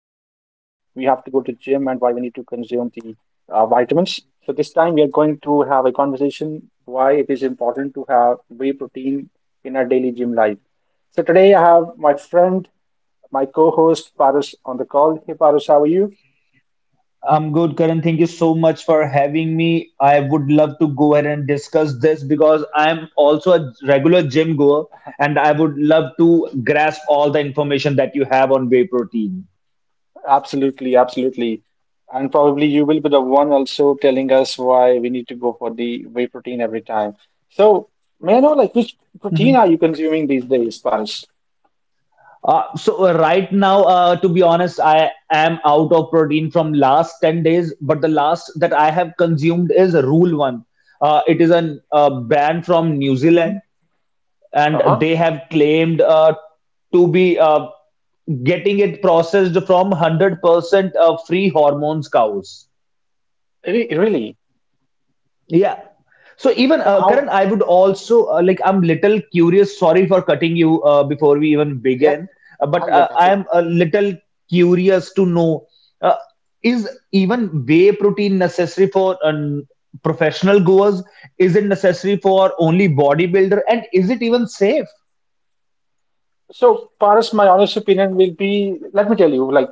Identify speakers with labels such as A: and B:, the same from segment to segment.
A: go to gym and why we need to consume the vitamins. So, this time we are going to have a conversation why it is important to have whey protein in our daily gym life. So, today I have my friend, my co-host Paras on the call. Hey, Paras, how are you?
B: I'm good, Karan. Thank you so much for having me. I would love to go ahead and discuss this because I'm also a regular gym goer and I would love to grasp all the information that you have on whey protein.
A: Absolutely, absolutely. And probably you will be the one also telling us why we need to go for the whey protein every time. So, may I know like which protein
B: Mhm.
A: are you consuming these days, Paris?
B: Right now, to be honest, I am out of protein from last 10 days, but the last that I have consumed is Rule One. It is a brand from New
A: Hmm.
B: Zealand. And
A: Uh-huh.
B: they have claimed to be getting it processed from 100% free hormones cows.
A: Really?
B: Yeah. So even
A: So
B: Karan,
A: how?
B: I would also like I'm little curious. Sorry for cutting you before we even
A: Yeah,
B: begin, uh, but
A: yeah,
B: uh,
A: that's
B: I
A: it.
B: am a little curious to know, uh, is even whey protein necessary for professional goers? Is it necessary for only bodybuilder? And is it even safe?
A: So, Paris, my honest opinion will be, let me tell you, like,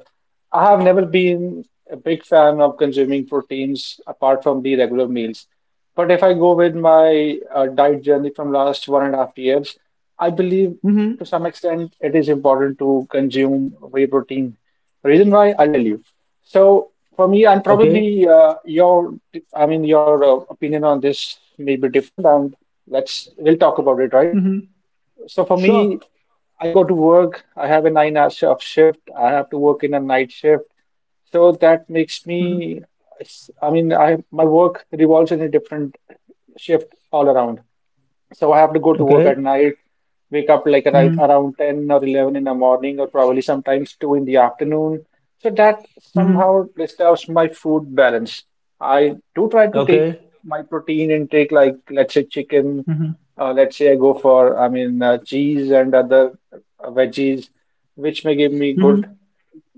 A: I have never been a big fan of consuming proteins apart from the regular meals. But if I go with my diet journey from last 1.5 years, I believe
B: Hmm.
A: to some extent it is important to consume whey protein. Reason why, I'll tell you. So, for me, and
B: Okay.
A: probably I mean, your opinion on this may be different, and we'll talk about it, right?
B: Mm-hmm.
A: So for me,
B: Sure.
A: I go to work. I have a nine-hour sh- of shift. I have to work in a night shift. So that makes me,
B: Mm-hmm.
A: I mean, I my work revolves in a different shift all around. So I have to go to work at
B: Okay.
A: night, wake up like right
B: Mm-hmm.
A: around 10 or 11 in the morning, or probably sometimes 2 in the afternoon. So that
B: Mm-hmm.
A: somehow disturbs my food balance. I do try to take
B: Okay.
A: my protein intake, like let's say chicken,
B: Mm-hmm.
A: let's say I go for, I mean, cheese and other veggies, which may give me
B: Mm-hmm.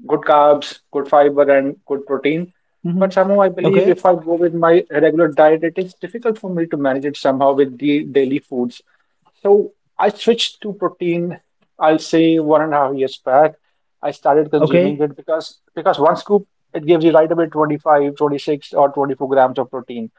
A: good carbs, good fiber, and good protein.
B: Mm-hmm.
A: But somehow I believe
B: Okay.
A: if I go with my regular diet, it is difficult for me to manage it somehow with the daily foods. So I switched to protein, I'll say 1.5 years back. I started consuming
B: Okay.
A: it because one scoop, it gives you right away 25, 26, or 24 grams of protein.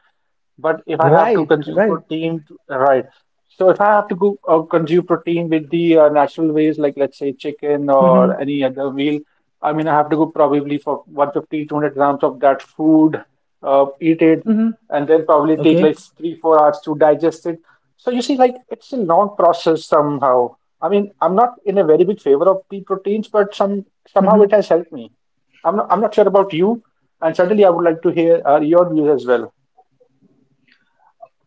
A: But if I have to
B: Right.
A: consume
B: Right.
A: protein, right. So if I have to go consume protein with the natural ways, like let's say chicken
B: Mm-hmm.
A: or any other meal, I mean, I have to go probably for 150, 200 grams of that food, eat it,
B: Mm-hmm.
A: and then probably take like
B: Okay.
A: three, 4 hours to digest it. So you see, like it's a long process somehow. I mean, I'm not in a very big favor of the proteins, but somehow
B: Mm-hmm.
A: it has helped me. I'm not sure about you, and certainly I would like to hear your views as well.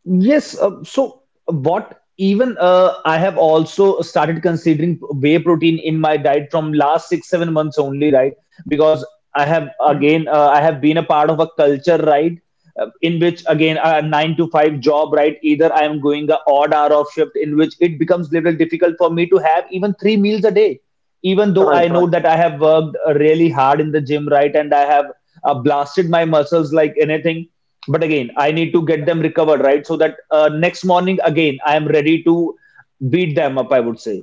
B: Yes, so what even I have also started considering whey protein in my diet from last six, 7 months only, right? Because I have again, I have been a part of a culture, right? In which again, a nine to five job, right? Either I am going a odd hour of shift in which it becomes little difficult for me to have even three meals a day, even though I
A: Right,
B: know
A: right.
B: that I have worked really hard in the gym, right? And I have blasted my muscles like anything, but again I need to get them recovered, right? So that next morning again I am ready to beat them up, I would say.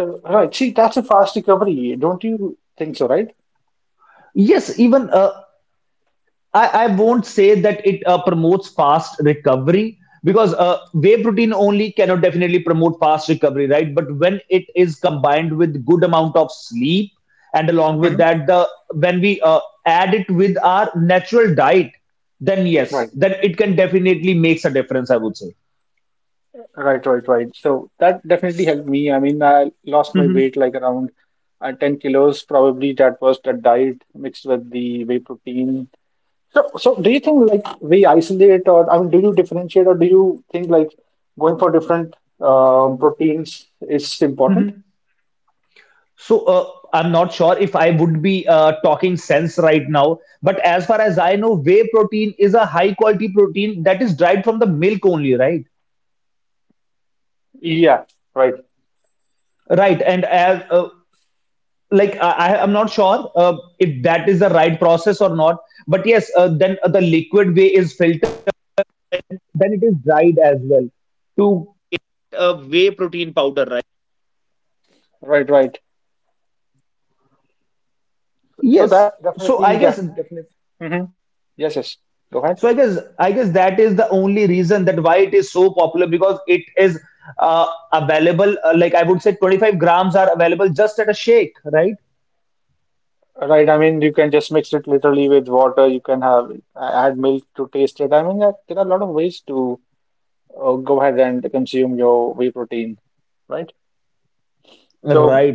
A: Right. See, that's a fast recovery. Don't you think so, right?
B: Yes, even I won't say that it promotes fast recovery because whey protein only cannot definitely promote fast recovery, right? But when it is combined with good amount of sleep and along with
A: Hmm?
B: that the when we add it with our natural diet, then yes,
A: Right,
B: then it can definitely makes a difference, I would say.
A: right. So that definitely helped me. I mean, I lost my
B: Hmm.
A: weight like around 10 kilos. Probably that was the diet mixed with the whey protein. So, so do you think like we isolate, or I mean, do you differentiate or do you think like going for different proteins is important?
B: So I'm not sure if I would be talking sense right now, but as far as I know, whey protein is a high quality protein that is derived from the milk only, right?
A: Yeah, right,
B: Right, and as like I- I'm not sure if that is the right process or not, but yes, then the liquid whey is.
A: right. So that definitely, definitely. Hmm. Yes, yes. Go ahead.
B: So I guess that is the only reason that why it is so popular because it is.
A: Right, I mean, you can just mix it literally with water. You can have, add milk to taste it. I mean, there are a lot of ways to go ahead and consume your whey protein, right? So,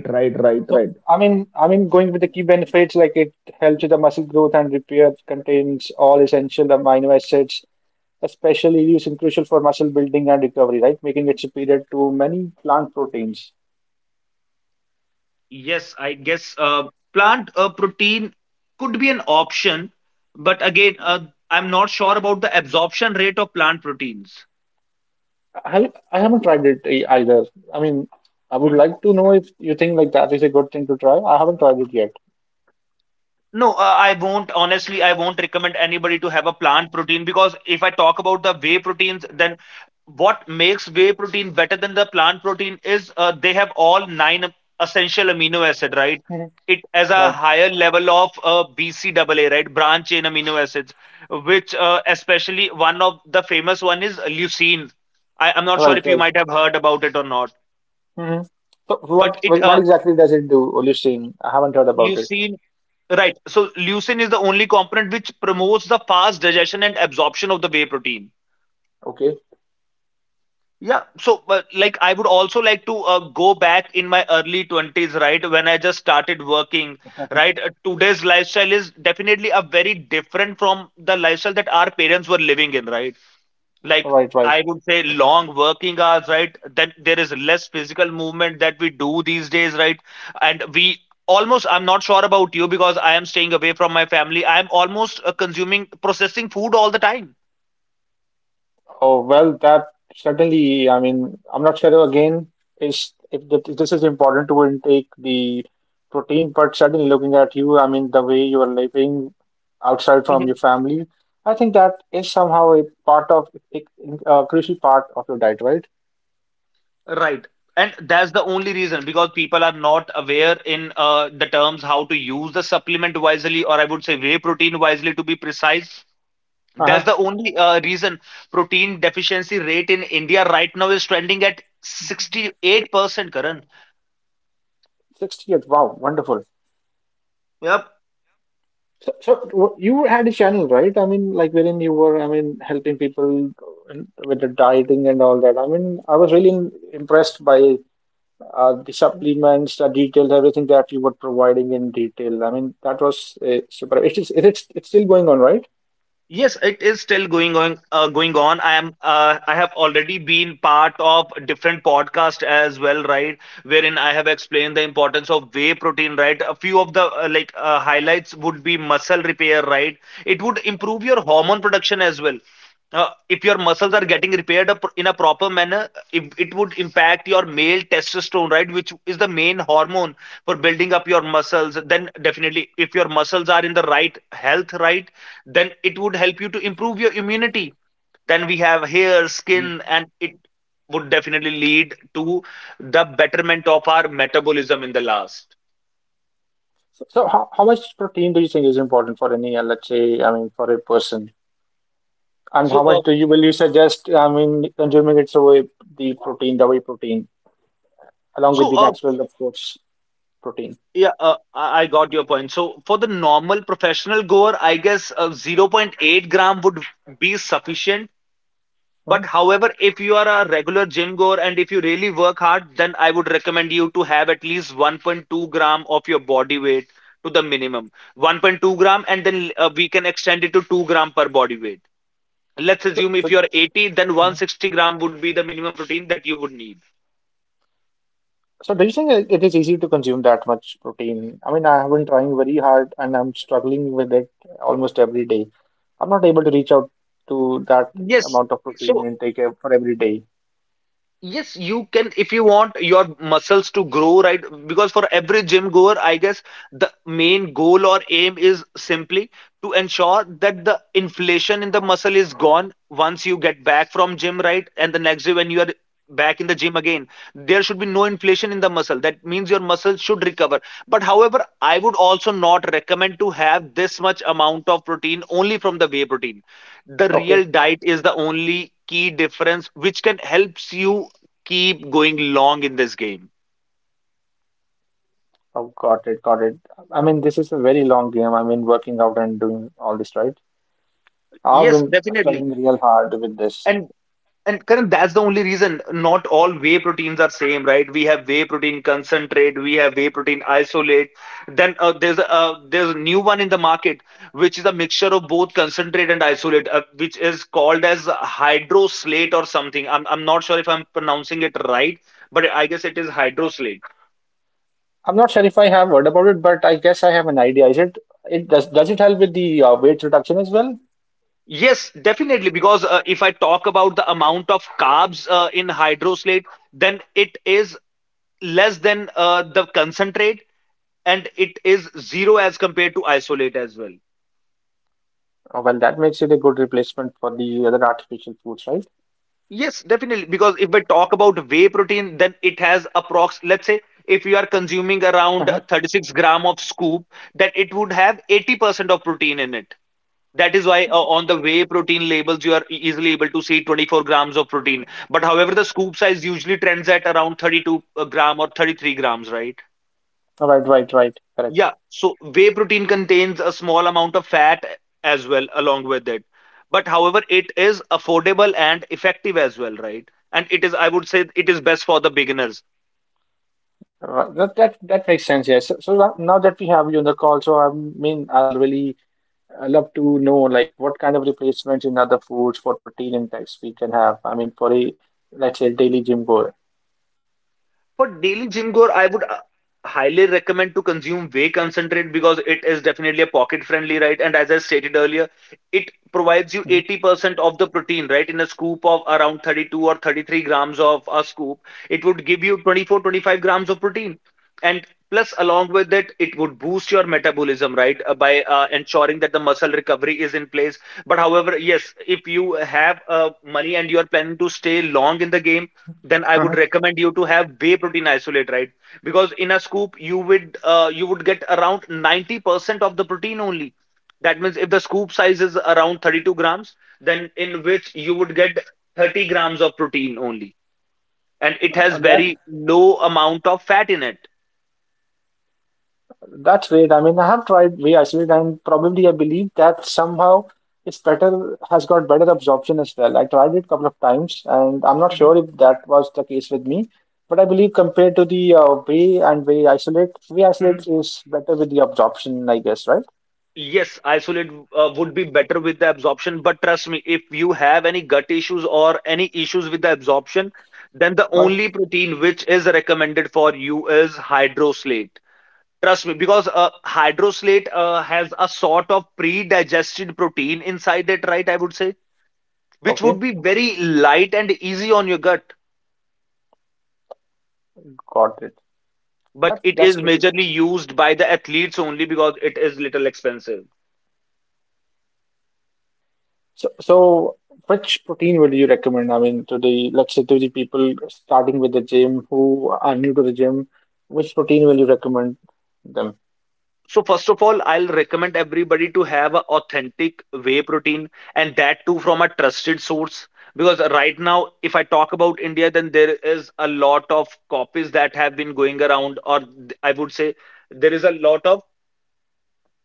A: I mean, going with the key benefits, like it helps with the muscle growth and repair, contains all essential amino acids, especially used and crucial for muscle building and recovery, right? Making it superior to many plant proteins.
B: Yes, I guess plant protein could be an option, but again, I'm not sure about the absorption rate of plant proteins.
A: I haven't tried it either. I mean, I would like to know if you think like that is a good thing to try. I haven't tried it yet.
B: No, I won't. Honestly, I won't recommend anybody to have a plant protein, because if I talk about the whey proteins, then what makes whey protein better than the plant protein is they have all nine essential amino acid, right?
A: Hmm.
B: It has a
A: Right,
B: higher level of BCAA, right? Branch chain amino acids, which especially one of the famous one is leucine. I'm not sure
A: right,
B: if you
A: right.
B: might have heard about it or not,
A: Hmm. So
B: but it
A: what exactly does it do, Oleucine? I haven't heard about it.
B: leucine, right? So leucine is the only component which promotes the fast digestion and absorption of the whey protein.
A: Okay,
B: Yeah, so like I would also like to go back in my early 20s, right? When I just started working, right? Today's lifestyle is definitely a very different from the lifestyle that our parents were living in, right? Like,
A: right, right.
B: I would say long working hours, right? Then there is less physical movement that we do these days, right? And we almost, I'm not sure about you because I am staying away from my family. I'm almost consuming processing food all the time.
A: Oh, well, that certainly, I mean, I'm not sure again is if that, if this is important to intake the protein, but certainly looking at you, I mean, the way you are living outside from your
B: Mhm.
A: family, I think that is somehow a part of a a crucial part of your diet, right?
B: Right. And that's the only reason because people are not aware in the terms how to use the supplement wisely, or I would say whey protein wisely to be precise. That's
A: Uh-huh.
B: the only reason protein deficiency rate in India right now is trending at 68%, Karan.
A: 68. Wow, wonderful.
B: Yep.
A: So, you had a channel, right? I mean, like wherein you were, I mean, helping people with the dieting and all that. I mean, I was really impressed by the supplements, the details, everything that you were providing in detail. I mean, that was super. It's still going on, right?
B: Yes, it is still going on. Going on. I am. I have already been part of different podcast as well, right? Wherein I have explained the importance of whey protein, right? A few of the highlights would be muscle repair, right? It would improve your hormone production as well. If your muscles are getting repaired up in a proper manner, if it would impact your male testosterone, right? Which is the main hormone for building up your muscles. Then definitely, if your muscles are in the right health, right? Then it would help you to improve your immunity, then we have hair
A: Mhm.
B: skin and it would definitely lead to the betterment of our metabolism in the last.
A: So, how much protein do you think is important for any, let's say, I mean, for a person? And
B: so
A: how
B: uh,
A: much do you will you suggest, I mean, consuming it, so way the protein, the whey protein, along with
B: so
A: the
B: uh,
A: natural, of course, protein.
B: yeah uh, i I got your point. So for the normal professional goer I guess 0 0.8-gram would be sufficient.
A: Mhm.
B: But however, if you are a regular gym goer and if you really work hard, then I would recommend you to have at least 1.2 gram of your body weight to the minimum. 1.2 gram, and then we can extend it to 2 gram per body weight. Let's
A: So,
B: assume
A: so,
B: if you are 80, then 160-gram would be the minimum protein that you would need.
A: So do you think it is easy to consume that much protein? I mean, I have been trying very hard and I'm struggling with it almost every day. I'm not able to reach out to that
B: Yes.
A: amount of protein
B: So.
A: intake for every day.
B: Yes, you can if you want your muscles to grow, right? Because for every gym goer, I guess the main goal or aim is simply to ensure that the inflation in the muscle is gone once you get back from gym, right? And the next day when you are back in the gym again, there should be no inflation in the muscle. That means your muscle should recover. But however, I would also not recommend to have this much amount of protein only from the whey protein. The
A: Okay.
B: real diet is the only key difference which can helps you keep going long in this game.
A: Oh, got it, got it. I mean, this is a very long game. I mean, working out and doing all this, right? I've
B: Yes,
A: been
B: definitely.
A: struggling real hard with this.
B: And and Karan, that's the only reason not all whey proteins are same, right? We have whey protein concentrate, we have whey protein isolate, then there's a new one in the market which is a mixture of both concentrate and isolate, which is called as hydroslate or something. I'm not sure if I'm pronouncing it right, but I guess it is hydroslate.
A: I'm not sure if I have heard about it, but I guess I have an idea. Is it, does it help with the weight reduction as well?
B: Yes, definitely. Because if I talk about the amount of carbs in hydroslate, then it is less than the concentrate, and it is zero as compared to isolate as well.
A: Well, that makes it a good replacement for the other artificial foods, right?
B: Yes, definitely. Because if I talk about whey protein, then it has approx, let's say, if you are consuming
A: Uh
B: around
A: huh.
B: 36 gram of scoop, then it would have 80% of protein in it. That is why on the whey protein labels, you are easily able to see 24 grams of protein. But however, the scoop size usually trends at around 32 gram or 33 grams, right?
A: Right, right, right. Correct.
B: Yeah. So whey protein contains a small amount of fat as well along with it. But however, it is affordable and effective as well, right? And it is, I would say, it is best for the beginners.
A: Right. That makes sense. Yes. So, so now, now that we have you on the call, so I mean, I'll really love to know like what kind of replacements in other foods for protein intakes we can have. I mean, for a, let's say, daily gym goer.
B: For daily gym goer, I would highly recommend to consume whey concentrate because it is definitely a pocket friendly, right? And as I stated earlier, it provides you 80% of the protein, right? In a scoop of around 32 or 33 grams of a scoop, it would give you 24, 25 grams of protein. And plus, along with it, it would boost your metabolism, right? By ensuring that the muscle recovery is in place. But however, yes, if you have money and you are planning to stay long in the game, then I would
A: Mm-hmm.
B: recommend you to have whey protein isolate, right? Because in a scoop, you would get around 90% of the protein only. That means if the scoop size is around 32 grams, then in which you would get 30 grams of protein only, and it has very low amount of fat in it.
A: That's great. I mean, I have tried whey isolate, and probably I believe that somehow it's better, has got better absorption as well. I tried it a couple of times, and I'm not
B: Mhm,
A: sure if that was the case with me. But I believe compared to the whey and whey
B: mhm.
A: isolate is better with the absorption, I guess, right?
B: Yes, isolate would be better with the absorption, but trust me, if you have any gut issues or any issues with the absorption, then the
A: Right.
B: only protein which is recommended for you is hydroslate. Trust me, because hydroslate has a sort of pre-digested protein inside it, right? I would say, which would
A: Okay,
B: be very light and easy on your gut,
A: got it.
B: but
A: That
B: it is
A: that's great.
B: majorly used by the athletes only because it is little expensive.
A: So, so which protein would you recommend? I mean, to the, let's say, to the people starting with the gym, who are new to the gym, which protein will you recommend them?
B: So first of all, I'll recommend everybody to have a authentic whey protein, and that too from a trusted source. Because right now if I talk about India, then there is a lot of copies that have been going around, I would say there is a lot of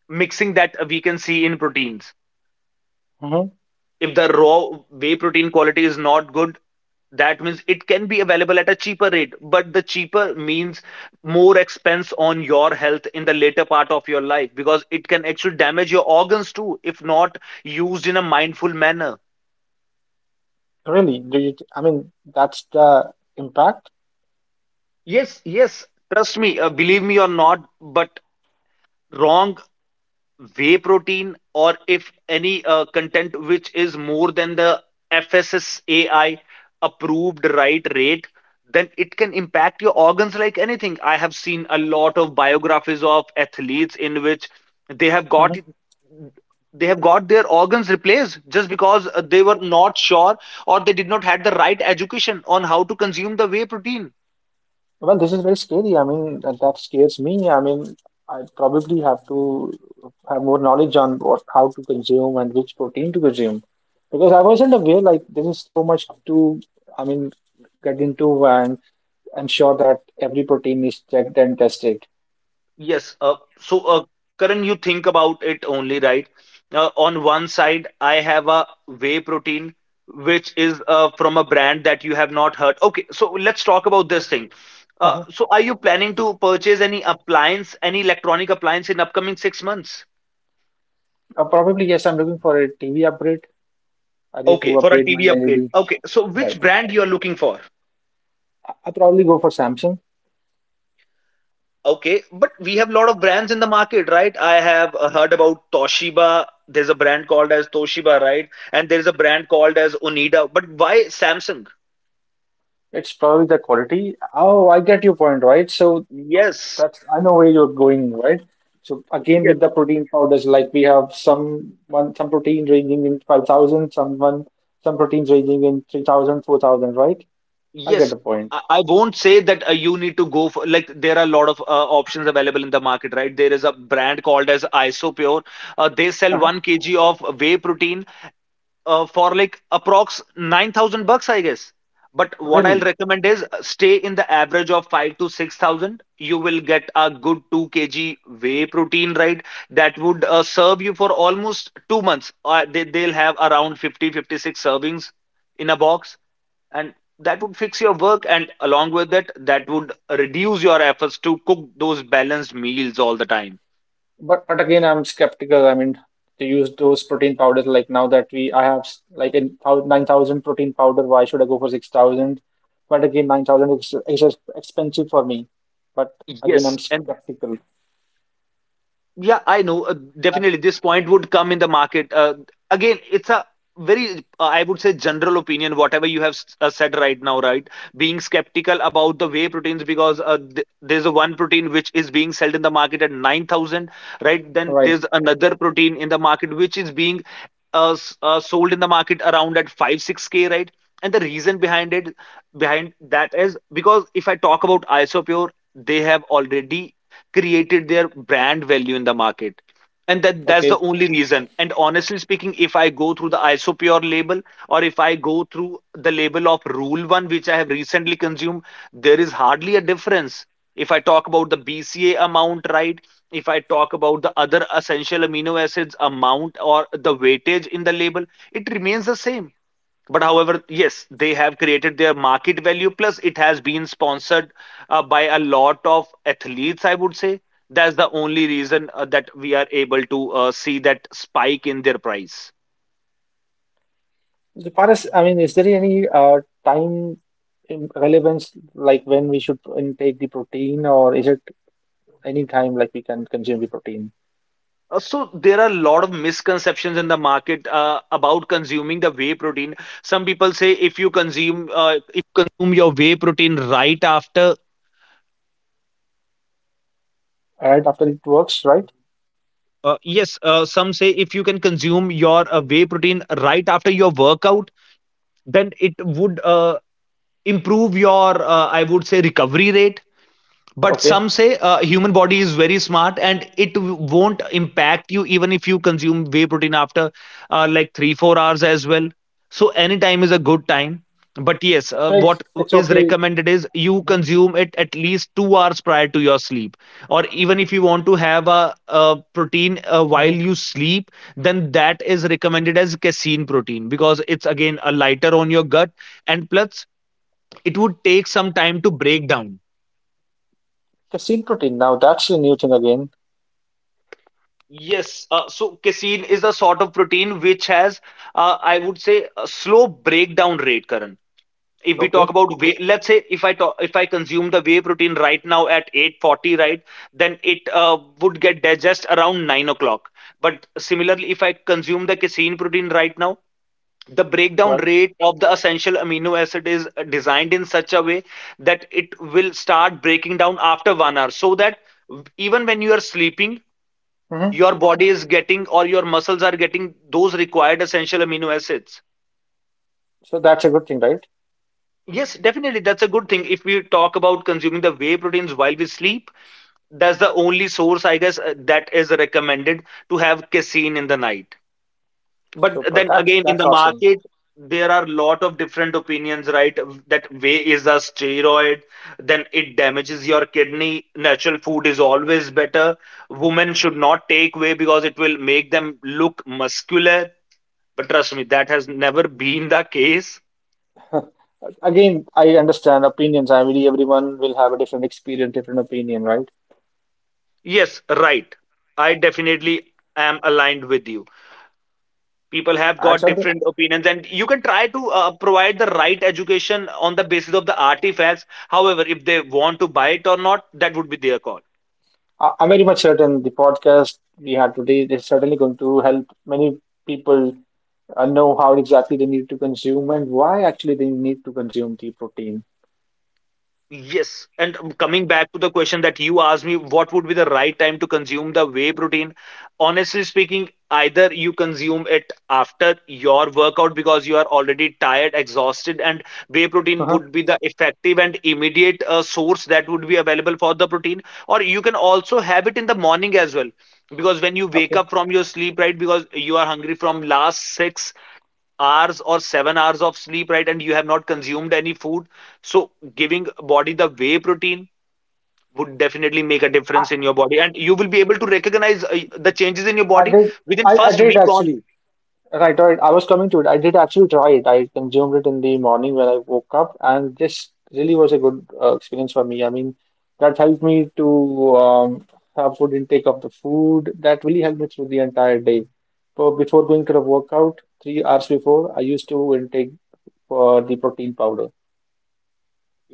B: mixing that we can see in proteins.
A: Hmm.
B: If the raw whey protein quality is not good, that means it can be available at a cheaper rate, but the cheaper means more expense on your health in the later part of your life, because it can actually damage your organs too if not used in a mindful manner.
A: Really? Do you, I mean, that's the impact?
B: Yes, yes. Trust me, believe me or not, but wrong whey protein or if any content which is more than the FSSAI approved right rate, then it can impact your organs like anything. I have seen a lot of biographies of athletes in which they have
A: Hmm.
B: got they have got their organs replaced just because they were not sure or they did not had the right education on how to consume the whey protein.
A: Well, this is very scary. I mean, that, that scares me. I mean, I probably have to have more knowledge on what, how to consume and which protein to consume. Because I wasn't aware, like, there is so much to, I mean, get into and ensure that every protein is checked and tested.
B: Yes. Karan, you think about it only, right? On one side, I have a whey protein, which is from a brand that you have not heard. Okay, so let's talk about this thing.
A: Uh-huh.
B: Are you planning to purchase any appliance, any electronic appliance in upcoming 6 months?
A: Probably, yes, I'm looking for a TV upgrade. I need to
B: Okay, for a
A: upgrade my
B: TV upgrade.
A: LED.
B: Okay, so
A: Right.
B: which brand you are looking for?
A: I'll probably go for Samsung.
B: Okay, but we have a lot of brands in the market, right? I have heard about Toshiba. There's a brand called as Toshiba, right? And there's a brand called as Onida. But why Samsung?
A: It's probably the quality. Oh, I get your point, right? So
B: Yes,
A: that's, I know where you're going, right? So again,
B: yes,
A: with the protein powders, like we have some protein ranging in 5,000, some proteins ranging in 3,000, 4,000, right? I get
B: yes.
A: the point.
B: I won't say that you need to go for, like, there are a lot of options available in the market, right? There is a brand called as Isopure. They sell
A: Uh-huh.
B: one kg of whey protein for like approx 9,000 bucks, I guess. But what I'll
A: Really,
B: recommend is, stay in the average of 5 to 6,000, you will get a good 2 kg whey protein, right? That would serve you for almost 2 months. They'll have around 50, 56 servings in a box, and that would fix your work. And along with that, that would reduce your efforts to cook those balanced meals all the time.
A: but again, I'm skeptical. I mean, to use those protein powders, like now that we I have like in 9,000 protein powder, why should I go for 6,000? But again, 9,000 is just expensive for me. But again, I'm
B: Yes. And
A: skeptical.
B: yeah, I know.
A: Uh,
B: Definitely, this point would come in the market. Again, it's a very, I would say, general opinion, whatever you have said right now, right? Being skeptical about the whey proteins because, there's a one protein which is being sold in the market at 9,000, right? Then
A: Right.
B: there's another protein in the market which is being sold in the market around at 5, 6K, right? And the reason behind it, behind that is because if I talk about Isopure, they have already created their brand value in the market, and that's the
A: Okay.
B: only reason. And honestly speaking, if I go through the Isopure label, or if I go through the label of Rule 1, which I have recently consumed, there is hardly a difference. If I talk about the BCA amount, right, if I talk about the other essential amino acids amount, or the weightage in the label, it remains the same. But however, yes, they have created their market value, plus it has been sponsored, by a lot of athletes, I would say. That's the only reason that we are able to see that spike in their price.
A: So Paras, I mean, is there any time in- relevance, like when we should intake the protein, or is it any time like we can consume the protein
B: Uh, so there are a lot of misconceptions in the market about consuming the whey protein. Some people say if you consume
A: right after it works, right? Okay. So it's okay. Mm-hmm. Mm-hmm. Casein protein. Now that's a new thing again.
B: Casein is the sort of protein which has, I would say, a slow breakdown rate, Karan. If we talk
A: Okay.
B: about whey, let's say if I consume the whey protein right now at 8:40, right, then it would get digest around 9 o'clock. But similarly, if I consume the casein protein right now, the breakdown
A: Right.
B: rate of the essential amino acid is designed in such a way that it will start breaking down after 1 hour, so that even when you are sleeping,
A: Mm-hmm.
B: your body is getting, or your muscles are getting those required essential amino acids.
A: So that's a good thing, right?
B: Yes, definitely. That's a good thing. If we talk about consuming the whey proteins while we sleep, that's the only source, I guess, that is recommended to have casein in the night. But
A: So, but
B: then again, in
A: that's
B: the
A: awesome.
B: market, there are a lot of different opinions, right? That whey is a steroid, then it damages your kidney. Natural food is always better. Women should not take whey because it will make them look muscular. But trust me, that has never been the case.
A: Again, I understand opinions. I mean, everyone will have a different experience, different opinion, right?
B: Yes, right. I definitely am aligned with you. People have
A: And
B: got
A: so
B: different opinions, and you can try to provide the right education on the basis of the artifacts. However, if they want to buy it or not, that would be their call.
A: I- I'm very much certain the podcast we had today is certainly going to help many people know how exactly they need to consume and why actually they need to consume the protein.
B: Yes, and coming back to the question that you asked me, what would be the right time to consume the whey protein? Honestly speaking, either you consume it after your workout because you are already tired, exhausted, and whey protein
A: Uh-huh.
B: would be the effective and immediate source that would be available for the protein, or you can also have it in the morning as well. Because when you wake
A: Okay,
B: up from your sleep, right, because you are hungry from last 6 hours or 7 hours of sleep, right? And you have not consumed any food. So giving body the whey protein would definitely make a difference in your body, and you will be able to recognize the changes in your
A: I
B: body
A: did.
B: within
A: I
B: first
A: did
B: week
A: actually.
B: only.
A: Right, right. I was coming to it. I did actually try it. I consumed it in the morning when I woke up, and this really was a good experience for me. I mean, that helped me to have good intake of the food. That really helped me through the entire day. So before going to the workout, 3 hours before, I used to intake the protein powder.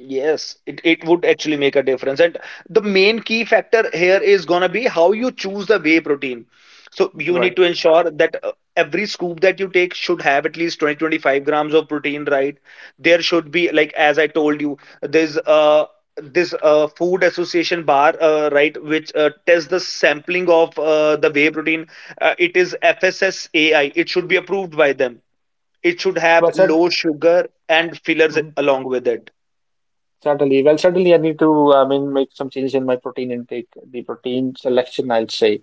B: Yes, it would actually make a difference. And the main key factor here is going to be how you choose the whey protein. So you
A: Right.
B: need to ensure that every scoop that you take should have at least 20, 25 grams of protein, right? There should be, like, as I told you, there's this food association bar, right, which tests the sampling of the whey protein. It is FSSAI, it should be approved by them. It should
A: Well,
B: have
A: cert
B: low sugar and fillers
A: mhm.
B: along with it.
A: certainly. Well, certainly, I need to, I mean, make some changes in my protein intake, the protein selection, I'll say.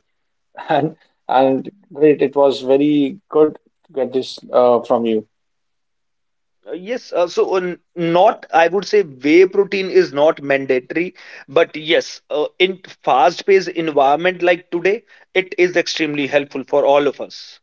A: and and great, it was very good to get this from you.
B: Not, I would say whey protein is not mandatory, but yes, in fast-paced environment like today, it is extremely helpful for all of us.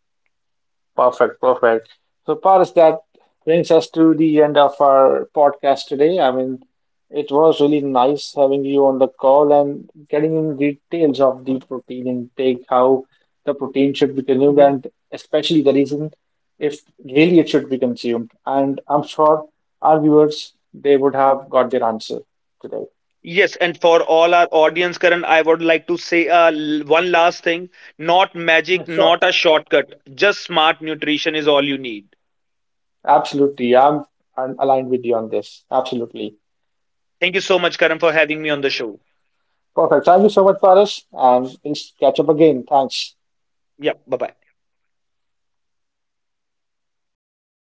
A: Perfect, perfect. So Paras, that brings us to the end of our podcast today. I mean, it was really nice having you on the call and getting in details of the protein intake, how the protein should be consumed
B: Mhm.
A: and especially the reason if really it should be consumed. And I'm sure our viewers, they would have got their answer today.
B: Yes, and for all our audience, Karan, I would like to say one last thing, not magic,
A: Sure.
B: not a shortcut, just smart nutrition is all you need.
A: Absolutely. I'm aligned with you on this. Absolutely.
B: Thank you so much, Karan, for having me on the show.
A: Perfect. Thank you so much, Paris, and we'll catch up again. Thanks.
B: Yeah, bye-bye.